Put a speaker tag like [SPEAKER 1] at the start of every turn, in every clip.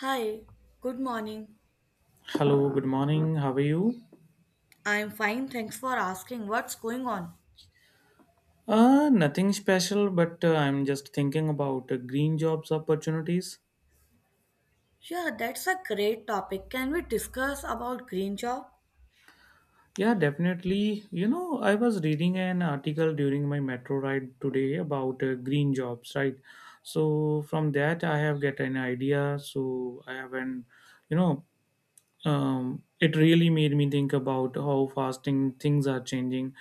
[SPEAKER 1] Hi, good morning.
[SPEAKER 2] Hello, good morning. How are you?
[SPEAKER 1] I'm fine, thanks for asking. What's going on?
[SPEAKER 2] Nothing special, but I'm just thinking about green jobs opportunities.
[SPEAKER 1] Yeah, that's a great topic. Can we discuss about green job?
[SPEAKER 2] Yeah, definitely. You know, I was reading an article during my metro ride today about green jobs, right? So from that, I have get an idea. So I have you know, it really made me think about how fasting things are changing.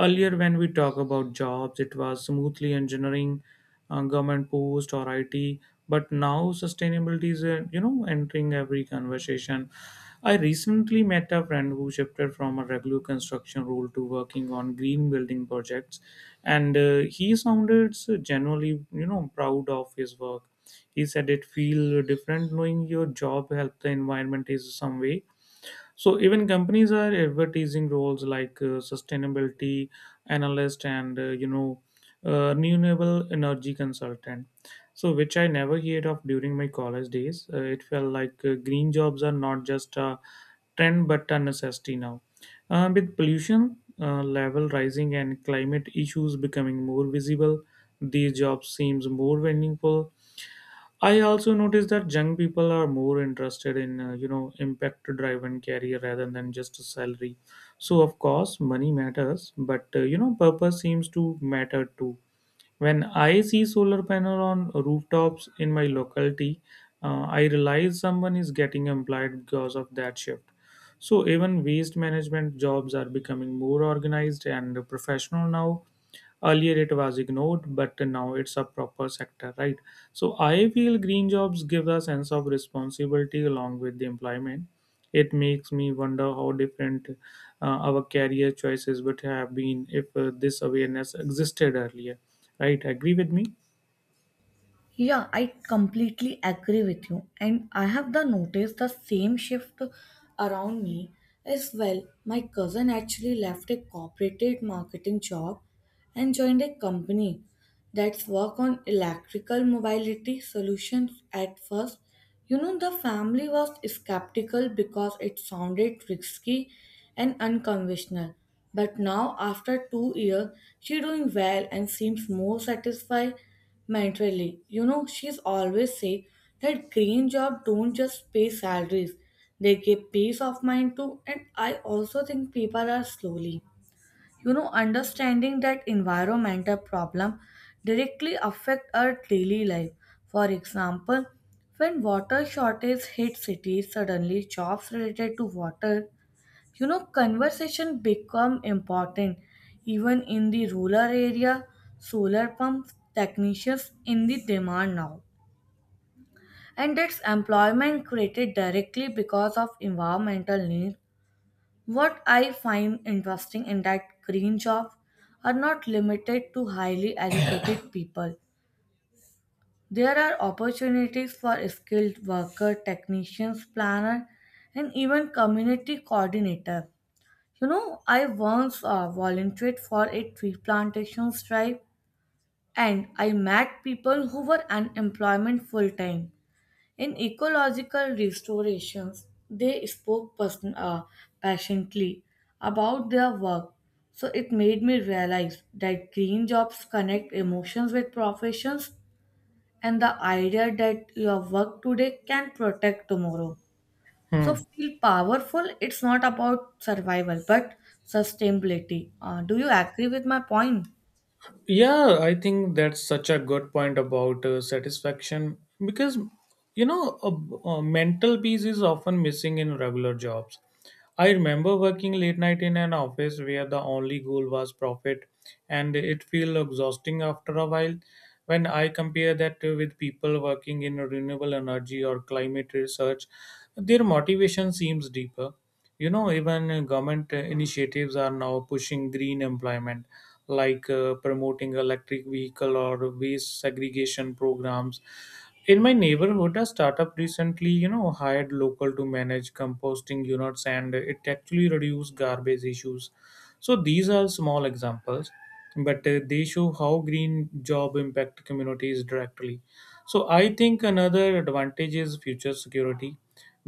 [SPEAKER 2] Earlier, when we talk about jobs, it was smoothly engineering, government post or IT. But now sustainability is, entering every conversation. I recently met a friend who shifted from a regular construction role to working on green building projects, and he sounded so genuinely, proud of his work. He said it feel different knowing your job help the environment is some way. So even companies are advertising roles like sustainability analyst and renewable energy consultant. So which I never heard of during my college days. It felt like green jobs are not just a trend but a necessity now. With pollution level rising and climate issues becoming more visible, these jobs seems more meaningful. I also noticed that young people are more interested in impact driven career rather than just a salary. So of course money matters, but purpose seems to matter too. When I see solar panel on rooftops in my locality, I realize someone is getting employed because of that shift. So even waste management jobs are becoming more organized and professional now. Earlier it was ignored, but now it's a proper sector, right? So I feel green jobs give a sense of responsibility along with the employment. It makes me wonder how different our career choices would have been if this awareness existed earlier, right? Agree with me?
[SPEAKER 1] Yeah, I completely agree with you. And I have the noticed the same shift around me as well. My cousin actually left a corporate marketing job and joined a company that's work on electrical mobility solutions at first. You know, the family was skeptical because it sounded risky and unconventional. But now, after 2 years, she's doing well and seems more satisfied mentally. You know, she's always say that green job don't just pay salaries; they give peace of mind too. And I also think people are slowly understanding that environmental problem directly affect our daily life. For example, when water shortage hit cities, suddenly jobs related to water, conversation, become important. Even in the rural area, solar pumps technicians in the demand now, and its employment created directly because of environmental needs. What I find interesting in that, green job are not limited to highly educated people. There are opportunities for skilled worker, technicians, planner, and even community coordinator. You know, I once volunteered for a tree plantation drive, and I met people who were unemployment full time in ecological restorations. They spoke person, passionately about their work. So it made me realize that green jobs connect emotions with professions, and the idea that your work today can protect tomorrow. So
[SPEAKER 2] Hmm.
[SPEAKER 1] feel powerful. It's not about survival but sustainability. Do you agree with my point?
[SPEAKER 2] Yeah, I think that's such a good point about satisfaction because you know a mental peace is often missing in regular jobs. I remember working late night in an office where the only goal was profit, and it feel exhausting after a while. When I compare that with people working in renewable energy or climate research, their motivation seems deeper. You know, even government initiatives are now pushing green employment, like promoting electric vehicle or waste segregation programs. In my neighborhood, a startup recently, you know, hired local to manage composting units, and it actually reduced garbage issues. So these are small examples, but they show how green job impact communities directly. So I think another advantage is future security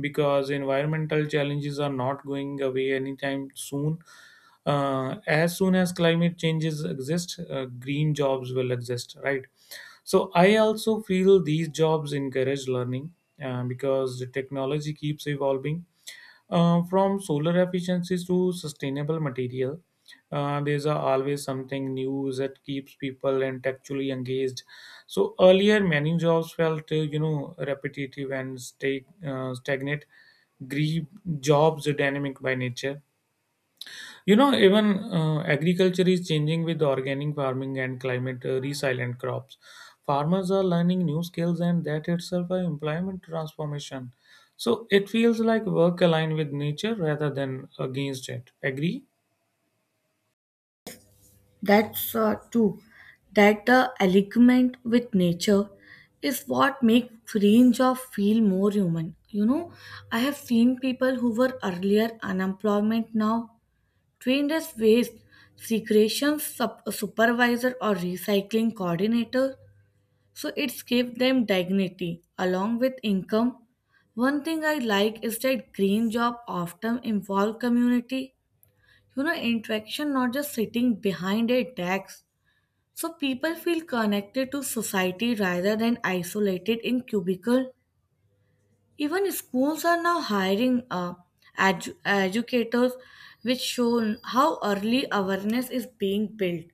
[SPEAKER 2] because environmental challenges are not going away anytime soon. As soon as climate changes exist, green jobs will exist, right? So I also feel these jobs encourage learning because the technology keeps evolving. From solar efficiencies to sustainable material. Always something new that keeps people intellectually engaged. So earlier, many jobs felt repetitive and stay stagnant. Green jobs are dynamic by nature, you know, even agriculture is changing with organic farming and climate resilient crops. Farmers are learning new skills, and that itself an employment transformation. So it feels like work aligned with nature rather than against it. Agree?
[SPEAKER 1] That's true. That the alignment with nature is what makes range of feel more human. You know, I have seen people who were earlier unemployment now trained as waste segregation supervisor or recycling coordinator. So it's gave them dignity along with income. One thing I like is that green job often involve community. You know, interaction not just sitting behind a desk. So people feel connected to society rather than isolated in cubicle. Even schools are now hiring educators, which show how early awareness is being built.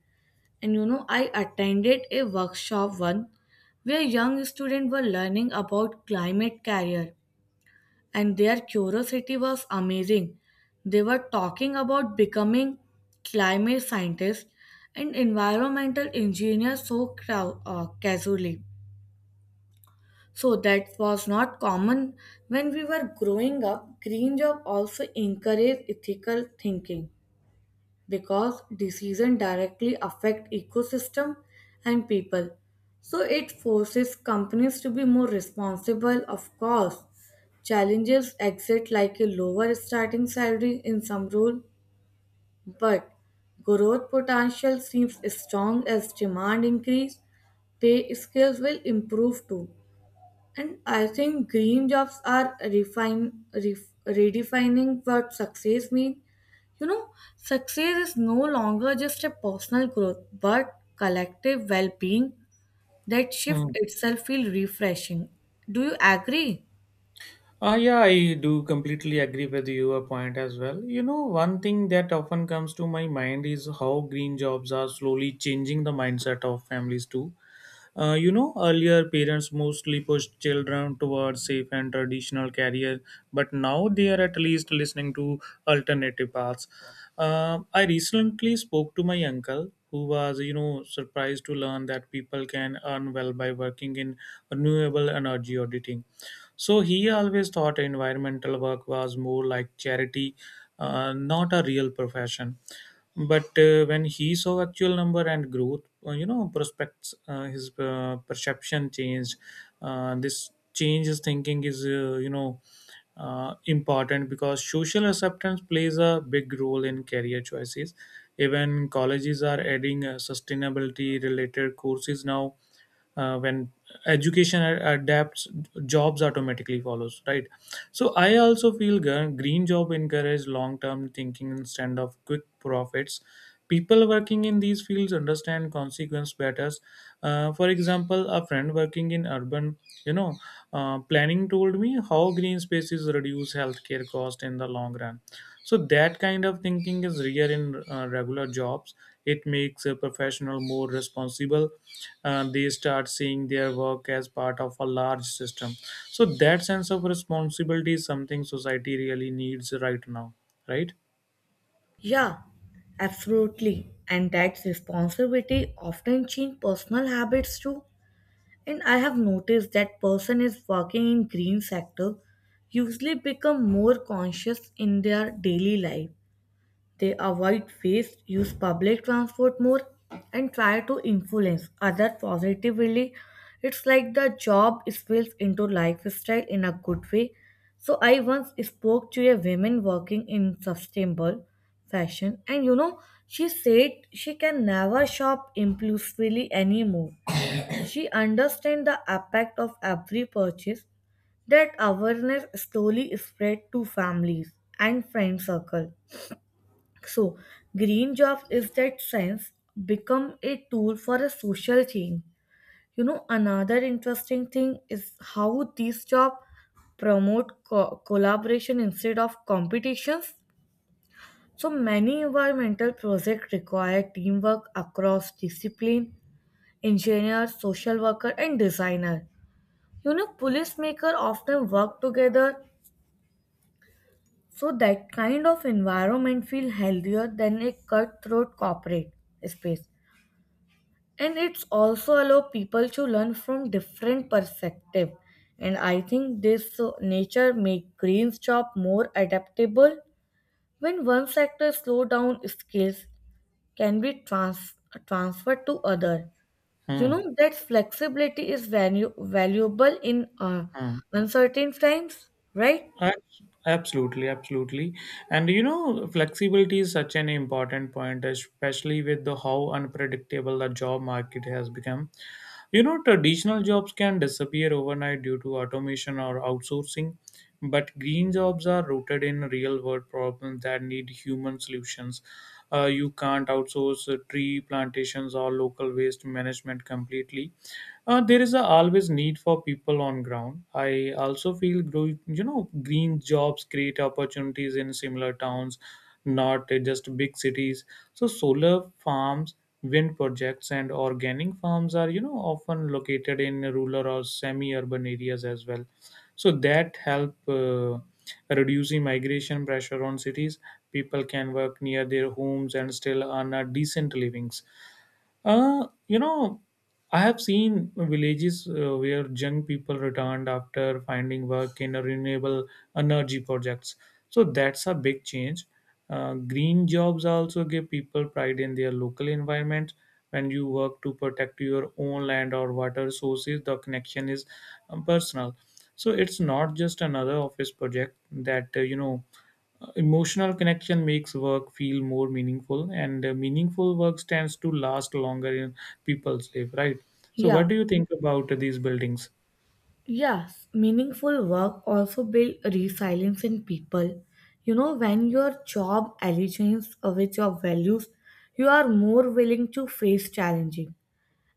[SPEAKER 1] And you know, I attended a workshop one where young students were learning about climate career, and their curiosity was amazing. They were talking about becoming climate scientists and environmental engineers so casually. So that was not common when we were growing up. Green job also encouraged ethical thinking because decisions directly affect ecosystem and people. So it forces companies to be more responsible, of course. Challenges exist like a lower starting salary in some role, but growth potential seems strong as demand increase. Pay scales will improve too. And I think green jobs are redefining what success means. You know, success is no longer just a personal growth, but collective well-being. That shift
[SPEAKER 2] Hmm.
[SPEAKER 1] itself feels refreshing. Do you agree?
[SPEAKER 2] Ah, yeah, I do completely agree with your point as well. You know, one thing that often comes to my mind is how green jobs are slowly changing the mindset of families too. Earlier parents mostly pushed children towards safe and traditional career, but now they are at least listening to alternative paths. I recently spoke to my uncle who was, you know, surprised to learn that people can earn well by working in renewable energy auditing. So he always thought environmental work was more like charity, not a real profession. But when he saw actual number and growth, prospects, his perception changed. This change his thinking is, important because social acceptance plays a big role in career choices. Even colleges are adding sustainability related courses now. When education adapts, jobs automatically follows, right? So I also feel green job encourage long term thinking instead of quick profits. People working in these fields understand consequence better. For example, a friend working in urban you know planning told me how green spaces reduce healthcare cost in the long run. So that kind of thinking is rare in regular jobs. It makes a professional more responsible. They start seeing their work as part of a large system. So that sense of responsibility is something society really needs right now, right?
[SPEAKER 1] Yeah, absolutely. And that responsibility often change personal habits too. And I have noticed that person is working in green sector usually become more conscious in their daily life. They avoid waste, use public transport more, and try to influence others positively. It's like the job spills into lifestyle in a good way. So I once spoke to a woman working in sustainable fashion, and you know, she said she can never shop impulsively anymore. She understands the impact of every purchase. That awareness slowly spread to families and friend circle. So, green jobs is that sense become a tool for a social change. You know, another interesting thing is how these jobs promote collaboration instead of competitions. So many environmental projects require teamwork across discipline, engineer, social worker, and designer. You know, police maker often work together, so that kind of environment feel healthier than a cutthroat corporate space. And it's also allow people to learn from different perspective. And I think this nature make green's job more adaptable. When one sector slow down, skills can be transferred to other, you
[SPEAKER 2] Hmm.
[SPEAKER 1] know. That flexibility is valuable in
[SPEAKER 2] Hmm.
[SPEAKER 1] uncertain times, right?
[SPEAKER 2] Ab- Absolutely, absolutely. And you know, flexibility is such an important point, especially with the how unpredictable the job market has become. You know, traditional jobs can disappear overnight due to automation or outsourcing, but green jobs are rooted in real world problems that need human solutions. You can't outsource tree plantations or local waste management completely. There is a always need for people on ground. I also feel grow, you know green jobs create opportunities in similar towns, not just big cities. So solar farms, wind projects, and organic farms are you know often located in rural or semi-urban areas as well. So that help reducing migration pressure on cities. People can work near their homes and still earn a decent living. Uh, you know, I have seen villages where young people returned after finding work in a renewable energy projects. So that's a big change. Green jobs also give people pride in their local environment. When you work to protect your own land or water sources, the connection is personal. So it's not just another office project that emotional connection makes work feel more meaningful, and meaningful work tends to last longer in people's life, right? So, what
[SPEAKER 1] Yeah.
[SPEAKER 2] do you think about these buildings?
[SPEAKER 1] Yes, meaningful work also builds resilience in people. You know, when your job aligns with your values, you are more willing to face challenges.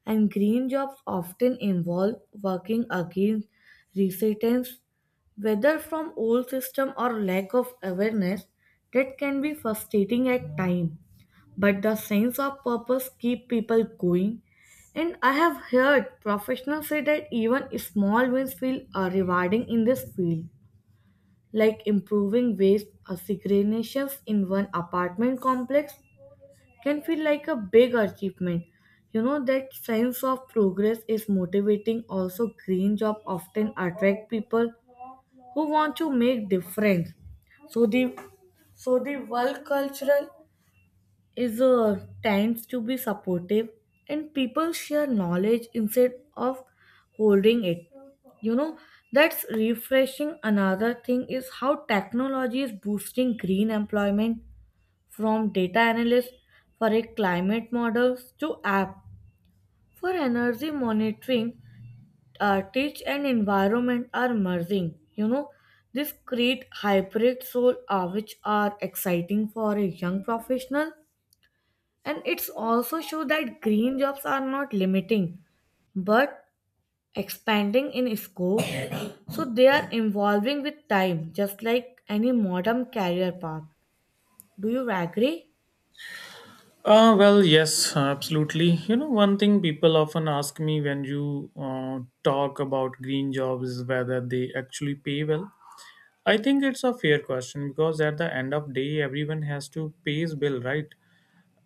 [SPEAKER 1] And green jobs often involve working against resistance, whether from old system or lack of awareness. That can be frustrating at times, but the sense of purpose keep people going. And I have heard professionals say that even small wins feel rewarding in this field. Like improving waste segregations in one apartment complex can feel like a big achievement. You know, that sense of progress is motivating. Also, green job often attract people who want to make difference. So the so the world cultural is tends to be supportive, and people share knowledge instead of holding it. You know, that's refreshing. Another thing is how technology is boosting green employment, from data analysts for a climate models to app for energy monitoring. Tech and environment are merging, you know. This create hybrid soul, which are exciting for a young professional. And it's also show that green jobs are not limiting but expanding in scope. So they are evolving with time, just like any modern career path. Do you agree?
[SPEAKER 2] Well, yes, absolutely. You know, one thing people often ask me when you talk about green jobs is whether they actually pay well. I think it's a fair question because at the end of day, everyone has to pay his bill, right?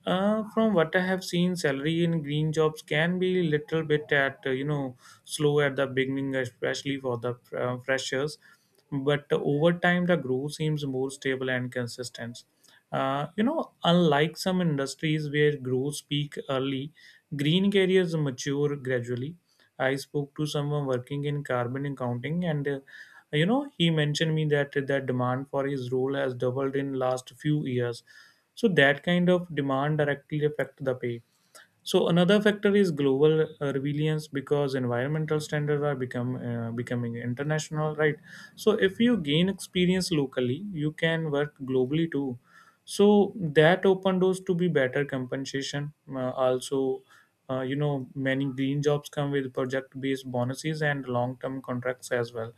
[SPEAKER 2] From what I have seen, salary in green jobs can be little bit at slow at the beginning, especially for the freshers. But over time, the growth seems more stable and consistent. Unlike some industries where growth peak early, green careers mature gradually. I spoke to someone working in carbon accounting, and he mentioned me that the demand for his role has doubled in last few years. So that kind of demand directly affect the pay. So another factor is global resilience because environmental standards are become becoming international, right? So if you gain experience locally, you can work globally too. So that open doors to be better compensation. Also, many green jobs come with project-based bonuses and long-term contracts as well.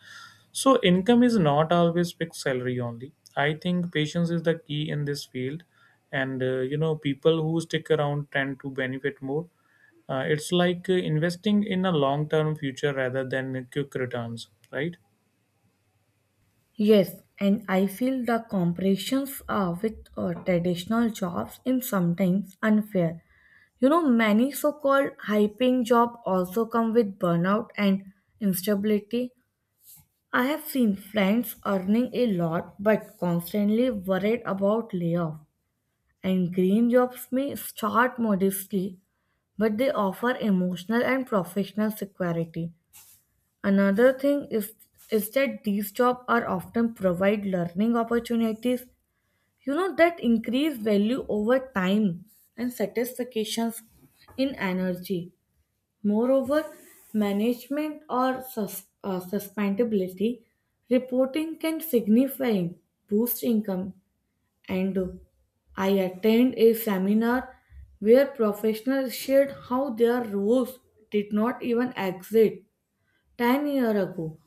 [SPEAKER 2] So, income is not always fixed salary only. I think patience is the key in this field, and people who stick around tend to benefit more. It's like investing in a long term future rather than quick returns, right?
[SPEAKER 1] Yes, and I feel the comparisons are with traditional jobs in sometimes unfair. You know, many so-called high-paying job also come with burnout and instability. I have seen friends earning a lot but constantly worried about layoff. And green jobs may start modestly, but they offer emotional and professional security. Another thing is that these jobs are often provide learning opportunities, you know, that increase value over time and satisfactions in energy. Moreover, management or sustainability reporting can significantly boost income. And I attend a seminar where professionals shared how their roles did not even exist 10 years ago.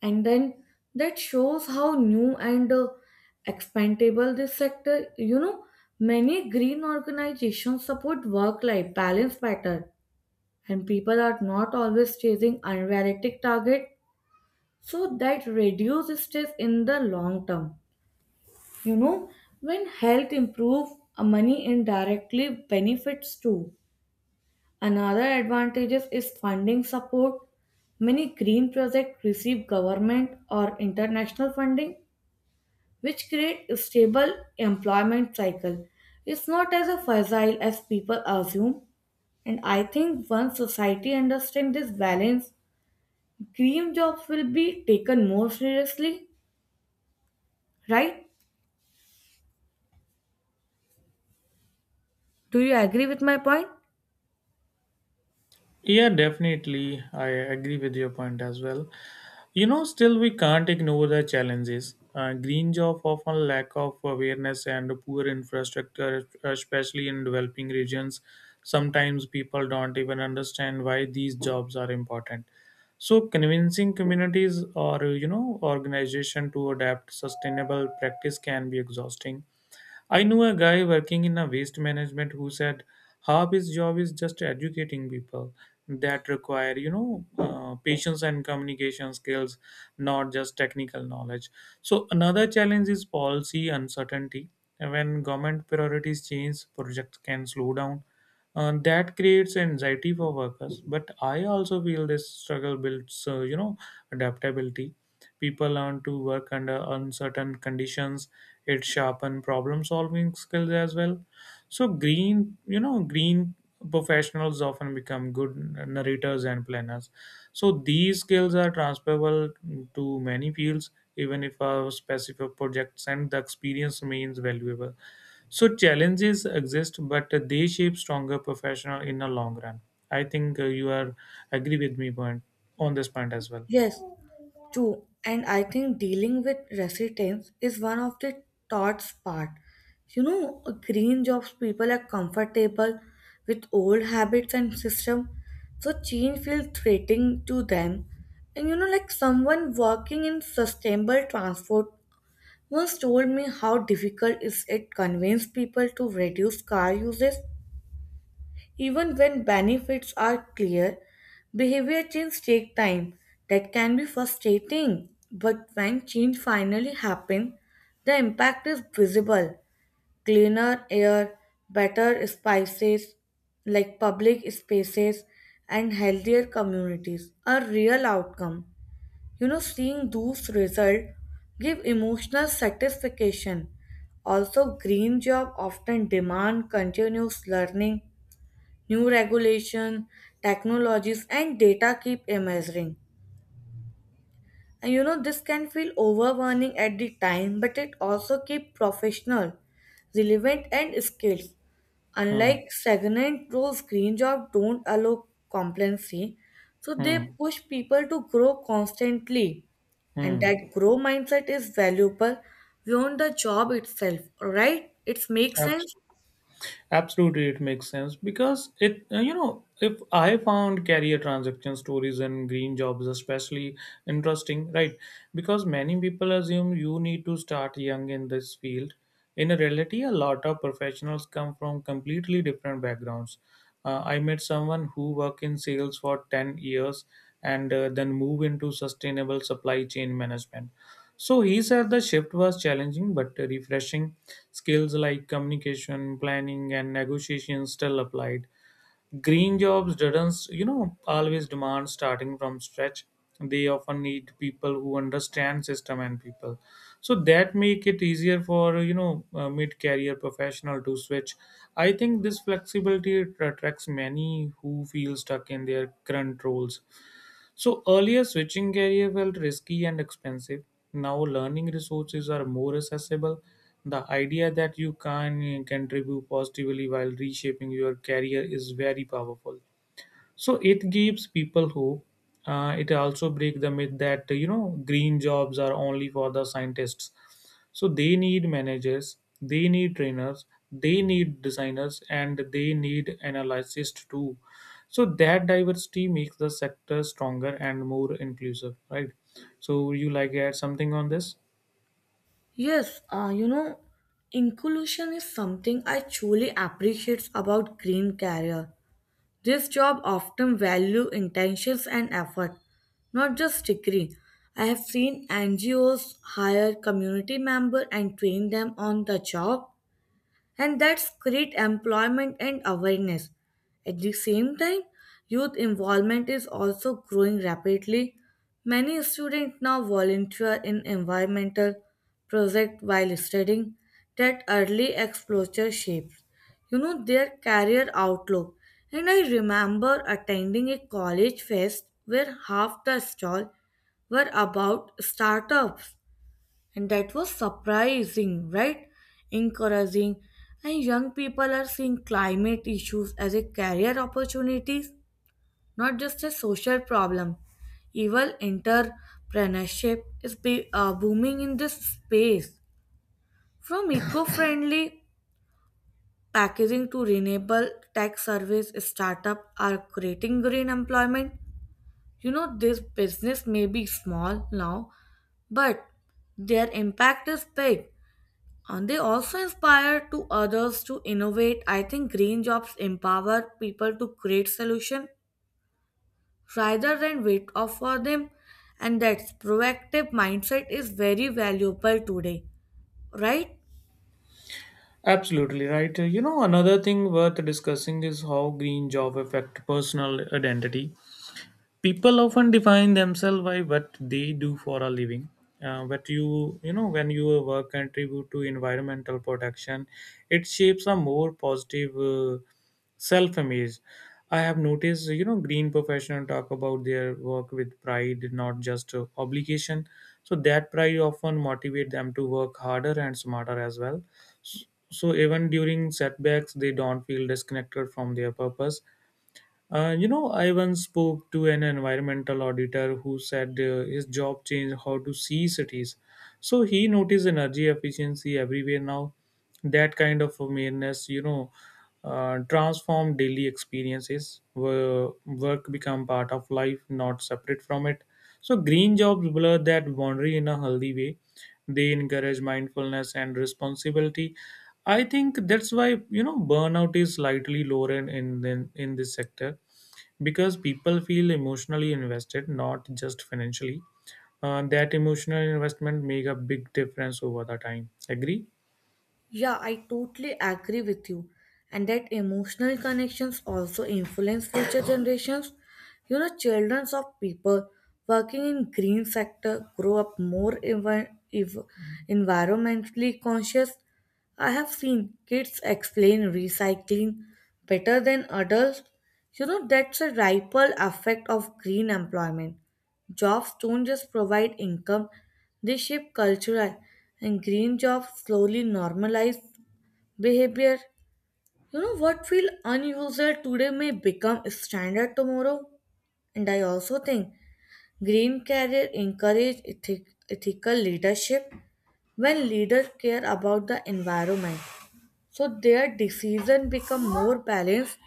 [SPEAKER 1] And then that shows how new and expandable this sector. You know, many green organizations support work-life balance better, and people are not always chasing unrealistic target. So that reduce stress in the long term. You know, when health improve, money indirectly benefits too. Another advantages is funding support. Many green projects receive government or international funding which create a stable employment cycle. It's not as a fragile as people assume. And I think once society understands this balance, Cream jobs will be taken more seriously, right? Do you agree with my point?
[SPEAKER 2] Yeah, definitely. I agree with your point as well. You know, still we can't ignore the challenges. Green jobs often lack of awareness and poor infrastructure, especially in developing regions. Sometimes people don't even understand why these jobs are important. So convincing communities or you know organization to adapt sustainable practice can be exhausting. I knew a guy working in a waste management who said half his job is just educating people. That require, patience and communication skills, not just technical knowledge. So another challenge is policy uncertainty. When government priorities change, projects can slow down. That creates anxiety for workers. But I also feel this struggle builds, adaptability. People learn to work under uncertain conditions. It sharpen problem-solving skills as well. So green professionals often become good narrators and planners. So these skills are transferable to many fields. Even if a specific project and the experience remains valuable. So challenges exist, but they shape stronger professional in the long run. I think you are agree with me point on this point as well.
[SPEAKER 1] Yes, true. And I think dealing with residents is one of the toughest part. You know, green jobs people are comfortable with old habits and system, so change feels threatening to them. And you know, like someone working in sustainable transport once told me how difficult is it convince people to reduce car uses. Even when benefits are clear, behavior change take time. That can be frustrating, but when change finally happens, the impact is visible. Cleaner air, better spices like public spaces and healthier communities are real outcome. You know, seeing those results give emotional satisfaction. Also, green job often demand continuous learning, new regulation, technologies, and data keep emerging. And you know, this can feel overwhelming at the time, but it also keeps professional, relevant, and skills.
[SPEAKER 2] Hmm.
[SPEAKER 1] Unlike stagnant roles, green jobs don't allow complacency, so they
[SPEAKER 2] Hmm.
[SPEAKER 1] push people to grow constantly. And that
[SPEAKER 2] Hmm.
[SPEAKER 1] grow mindset is valuable beyond the job itself, right? It makes
[SPEAKER 2] Abs-
[SPEAKER 1] sense.
[SPEAKER 2] Absolutely, it makes sense because it, if I found career transaction stories and green jobs especially interesting, right? Because many people assume you need to start young in this field. In reality, a lot of professionals come from completely different backgrounds. I met someone who worked in sales for 10 years and then moved into sustainable supply chain management. So he said the shift was challenging but refreshing. Skills like communication, planning, and negotiation still applied. Green jobs didn't, always demand starting from scratch. They often need people who understand system and people. So that make it easier for mid-career professional to switch. I think this flexibility attracts many who feel stuck in their current roles. So earlier switching career felt risky and expensive. Now learning resources are more accessible. The idea that you can contribute positively while reshaping your career is very powerful. So it gives people hope. It also breaks the myth that green jobs are only for the scientists. So they need managers, they need trainers, they need designers, and they need analysts too. So that diversity makes the sector stronger and more inclusive, right? So would you like to add something on this?
[SPEAKER 1] Yes, you know, inclusion is something I truly appreciate about green carrier. This job often value intentions and effort, not just degree. I have seen NGOs hire community members and train them on the job, and that's create employment and awareness. At the same time, youth involvement is also growing rapidly. Many students now volunteer in environmental projects while studying. That early exposure shapes, you know, their career outlook. And I remember attending a college fest where half the stall were about startups, and that was surprising, right? Encouraging. And young people are seeing climate issues as a career opportunities, not just a social problem. Even entrepreneurship is booming in this space. From eco-friendly packaging to renewable tech service, startup are creating green employment. You know, this business may be small now, but their impact is big. And they also inspire to others to innovate. I think green jobs empower people to create solution rather than wait off for them. And that proactive mindset is very valuable today, right?
[SPEAKER 2] Absolutely right. You know, another thing worth discussing is how green job affect personal identity. People often define themselves by what they do for a living, but you know when your work contribute to environmental protection, it shapes a more positive self image. I have noticed, you know, green professionals talk about their work with pride, not just obligation. So that pride often motivate them to work harder and smarter as well. So even during setbacks, they don't feel disconnected from their purpose. You know, I once spoke to an environmental auditor who said his job changed how to see cities. So he noticed energy efficiency everywhere now. That kind of awareness, you know, transform daily experiences. Work become part of life, not separate from it. So green jobs blur that boundary in a healthy way. They encourage mindfulness and responsibility. I think that's why, you know, burnout is slightly lower in this sector because people feel emotionally invested, not just financially. That emotional investment make a big difference over the time. Agree.
[SPEAKER 1] Yeah, I totally agree with you. And that emotional connections also influence future generations. You know, children of people working in green sector grow up more environmentally conscious. I have seen kids explain recycling better than adults. You know, that's a ripple effect of green employment. Jobs don't just provide income, they shape culture, and green jobs slowly normalize behavior. You know, what feel unusual today may become standard tomorrow. And I also think green career encourage ethical leadership. When leaders care about the environment, so their decision become more balanced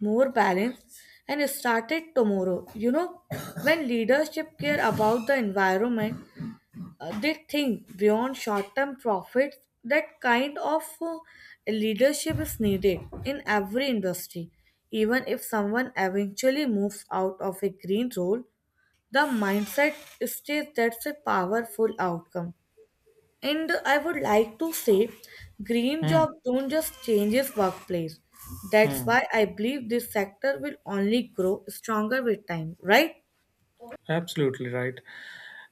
[SPEAKER 1] more balanced and started tomorrow. You know, when leadership care about the environment, they think beyond short term profits. That kind of leadership is needed in every industry. Even if someone eventually moves out of a green role, the mindset states, that's a powerful outcome. And I would like to say, green
[SPEAKER 2] Hmm,
[SPEAKER 1] jobs don't just changes workplace. That's
[SPEAKER 2] hmm.
[SPEAKER 1] why I believe this sector will only grow stronger with time, right?
[SPEAKER 2] Absolutely right.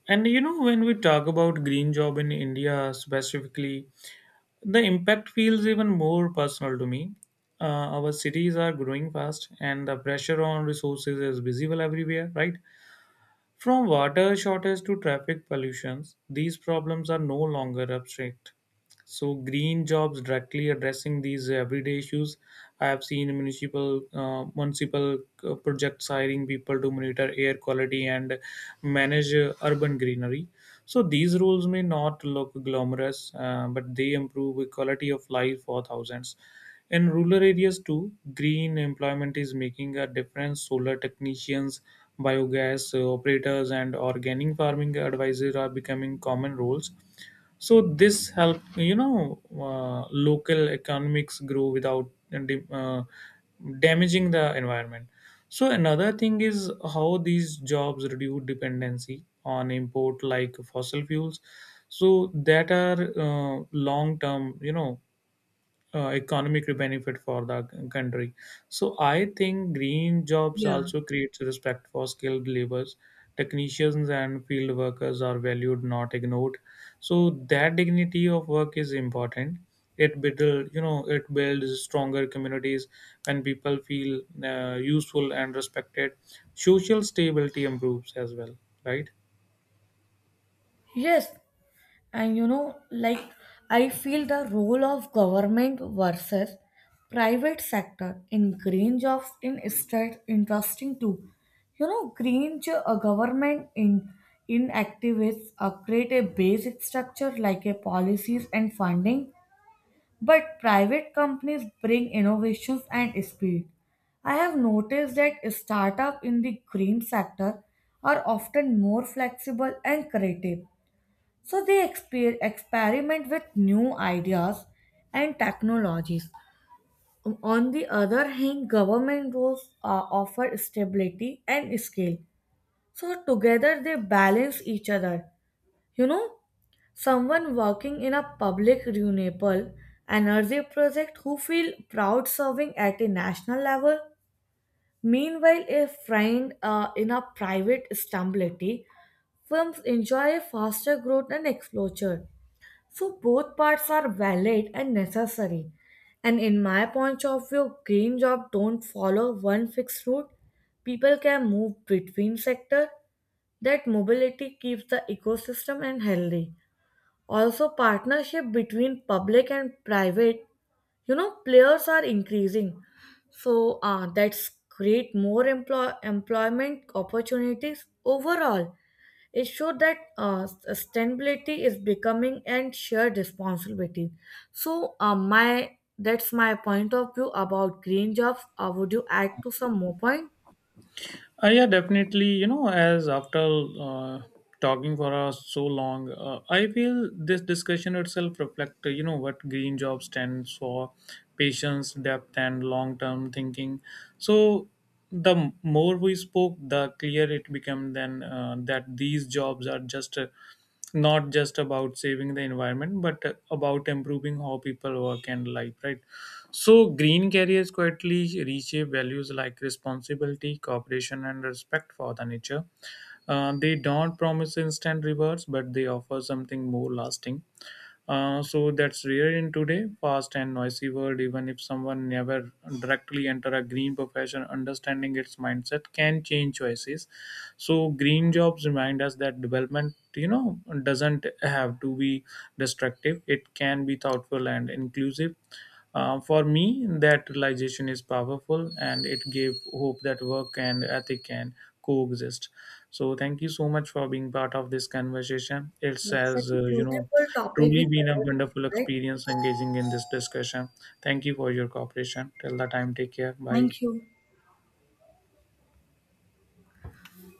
[SPEAKER 2] And you know, when we talk about green job in india specifically, the impact feels even more personal to me. Our cities are growing fast and the pressure on resources is visible everywhere, right? From water shortage to traffic pollutions, these problems are no longer abstract. So green jobs directly addressing these everyday issues. I have seen municipal projects hiring people to monitor air quality and manage urban greenery. So these roles may not look glamorous, but they improve the quality of life for thousands. In rural areas too, green employment is making a difference. Solar technicians, biogas operators, and organic farming advisors are becoming common roles. So this help, local economics grow without damaging the environment. So another thing is how these jobs reduce dependency on import like fossil fuels. So that are long term, economic benefit for the country. So I think green jobs
[SPEAKER 1] Yeah.
[SPEAKER 2] also creates respect for skilled laborers. Technicians and field workers are valued, not ignored. So that dignity of work is important. It build, it builds stronger communities when people feel useful and respected. Social stability improves as well, right?
[SPEAKER 1] Yes, and you know, like I feel the role of government versus private sector in green jobs in state interesting too. You know, government in activists create a basic structure like a policies and funding. But private companies bring innovations and speed. I have noticed that startups in the green sector are often more flexible and creative. So they experiment with new ideas and technologies. On the other hand, government roles offer stability and scale. So together they balance each other. You know, someone working in a public renewable energy project who feel proud serving at a national level. Meanwhile, a friend in a private stability firms enjoy a faster growth and exposure. So both parts are valid and necessary. And in my point of view, green job don't follow one fixed route. People can move between sector. That mobility keeps the ecosystem and healthy. Also, partnership between public and private, you know, players are increasing. So that's create more employment opportunities overall. It shows that sustainability is becoming and shared responsibility. So my that's my point of view about green jobs. Would you add to some more point?
[SPEAKER 2] Yeah, definitely. You know, as after uh, talking for us so long, I feel this discussion itself reflect, you know, what green job stands for: patience, depth, and long-term thinking. So the more we spoke, the clearer it became then that these jobs are just not just about saving the environment but about improving how people work and life, right? So green carriers quietly reshape values like responsibility, cooperation, and respect for the nature. They don't promise instant rewards, but they offer something more lasting. So that's rare in today fast and noisy world. Even if someone never directly enter a green profession, understanding its mindset can change choices. So green jobs remind us that development, you know, doesn't have to be destructive, it can be thoughtful and inclusive. For me that realization is powerful and it gave hope that work and ethic can coexist. So thank you so much for being part of this conversation. It
[SPEAKER 1] Yeah,
[SPEAKER 2] says,
[SPEAKER 1] such a
[SPEAKER 2] you know.
[SPEAKER 1] beautiful topic we
[SPEAKER 2] Truly been a
[SPEAKER 1] conversation,
[SPEAKER 2] wonderful
[SPEAKER 1] right?
[SPEAKER 2] experience engaging in this discussion. Thank you for your cooperation. Till the time, take care. Bye.
[SPEAKER 1] Thank you.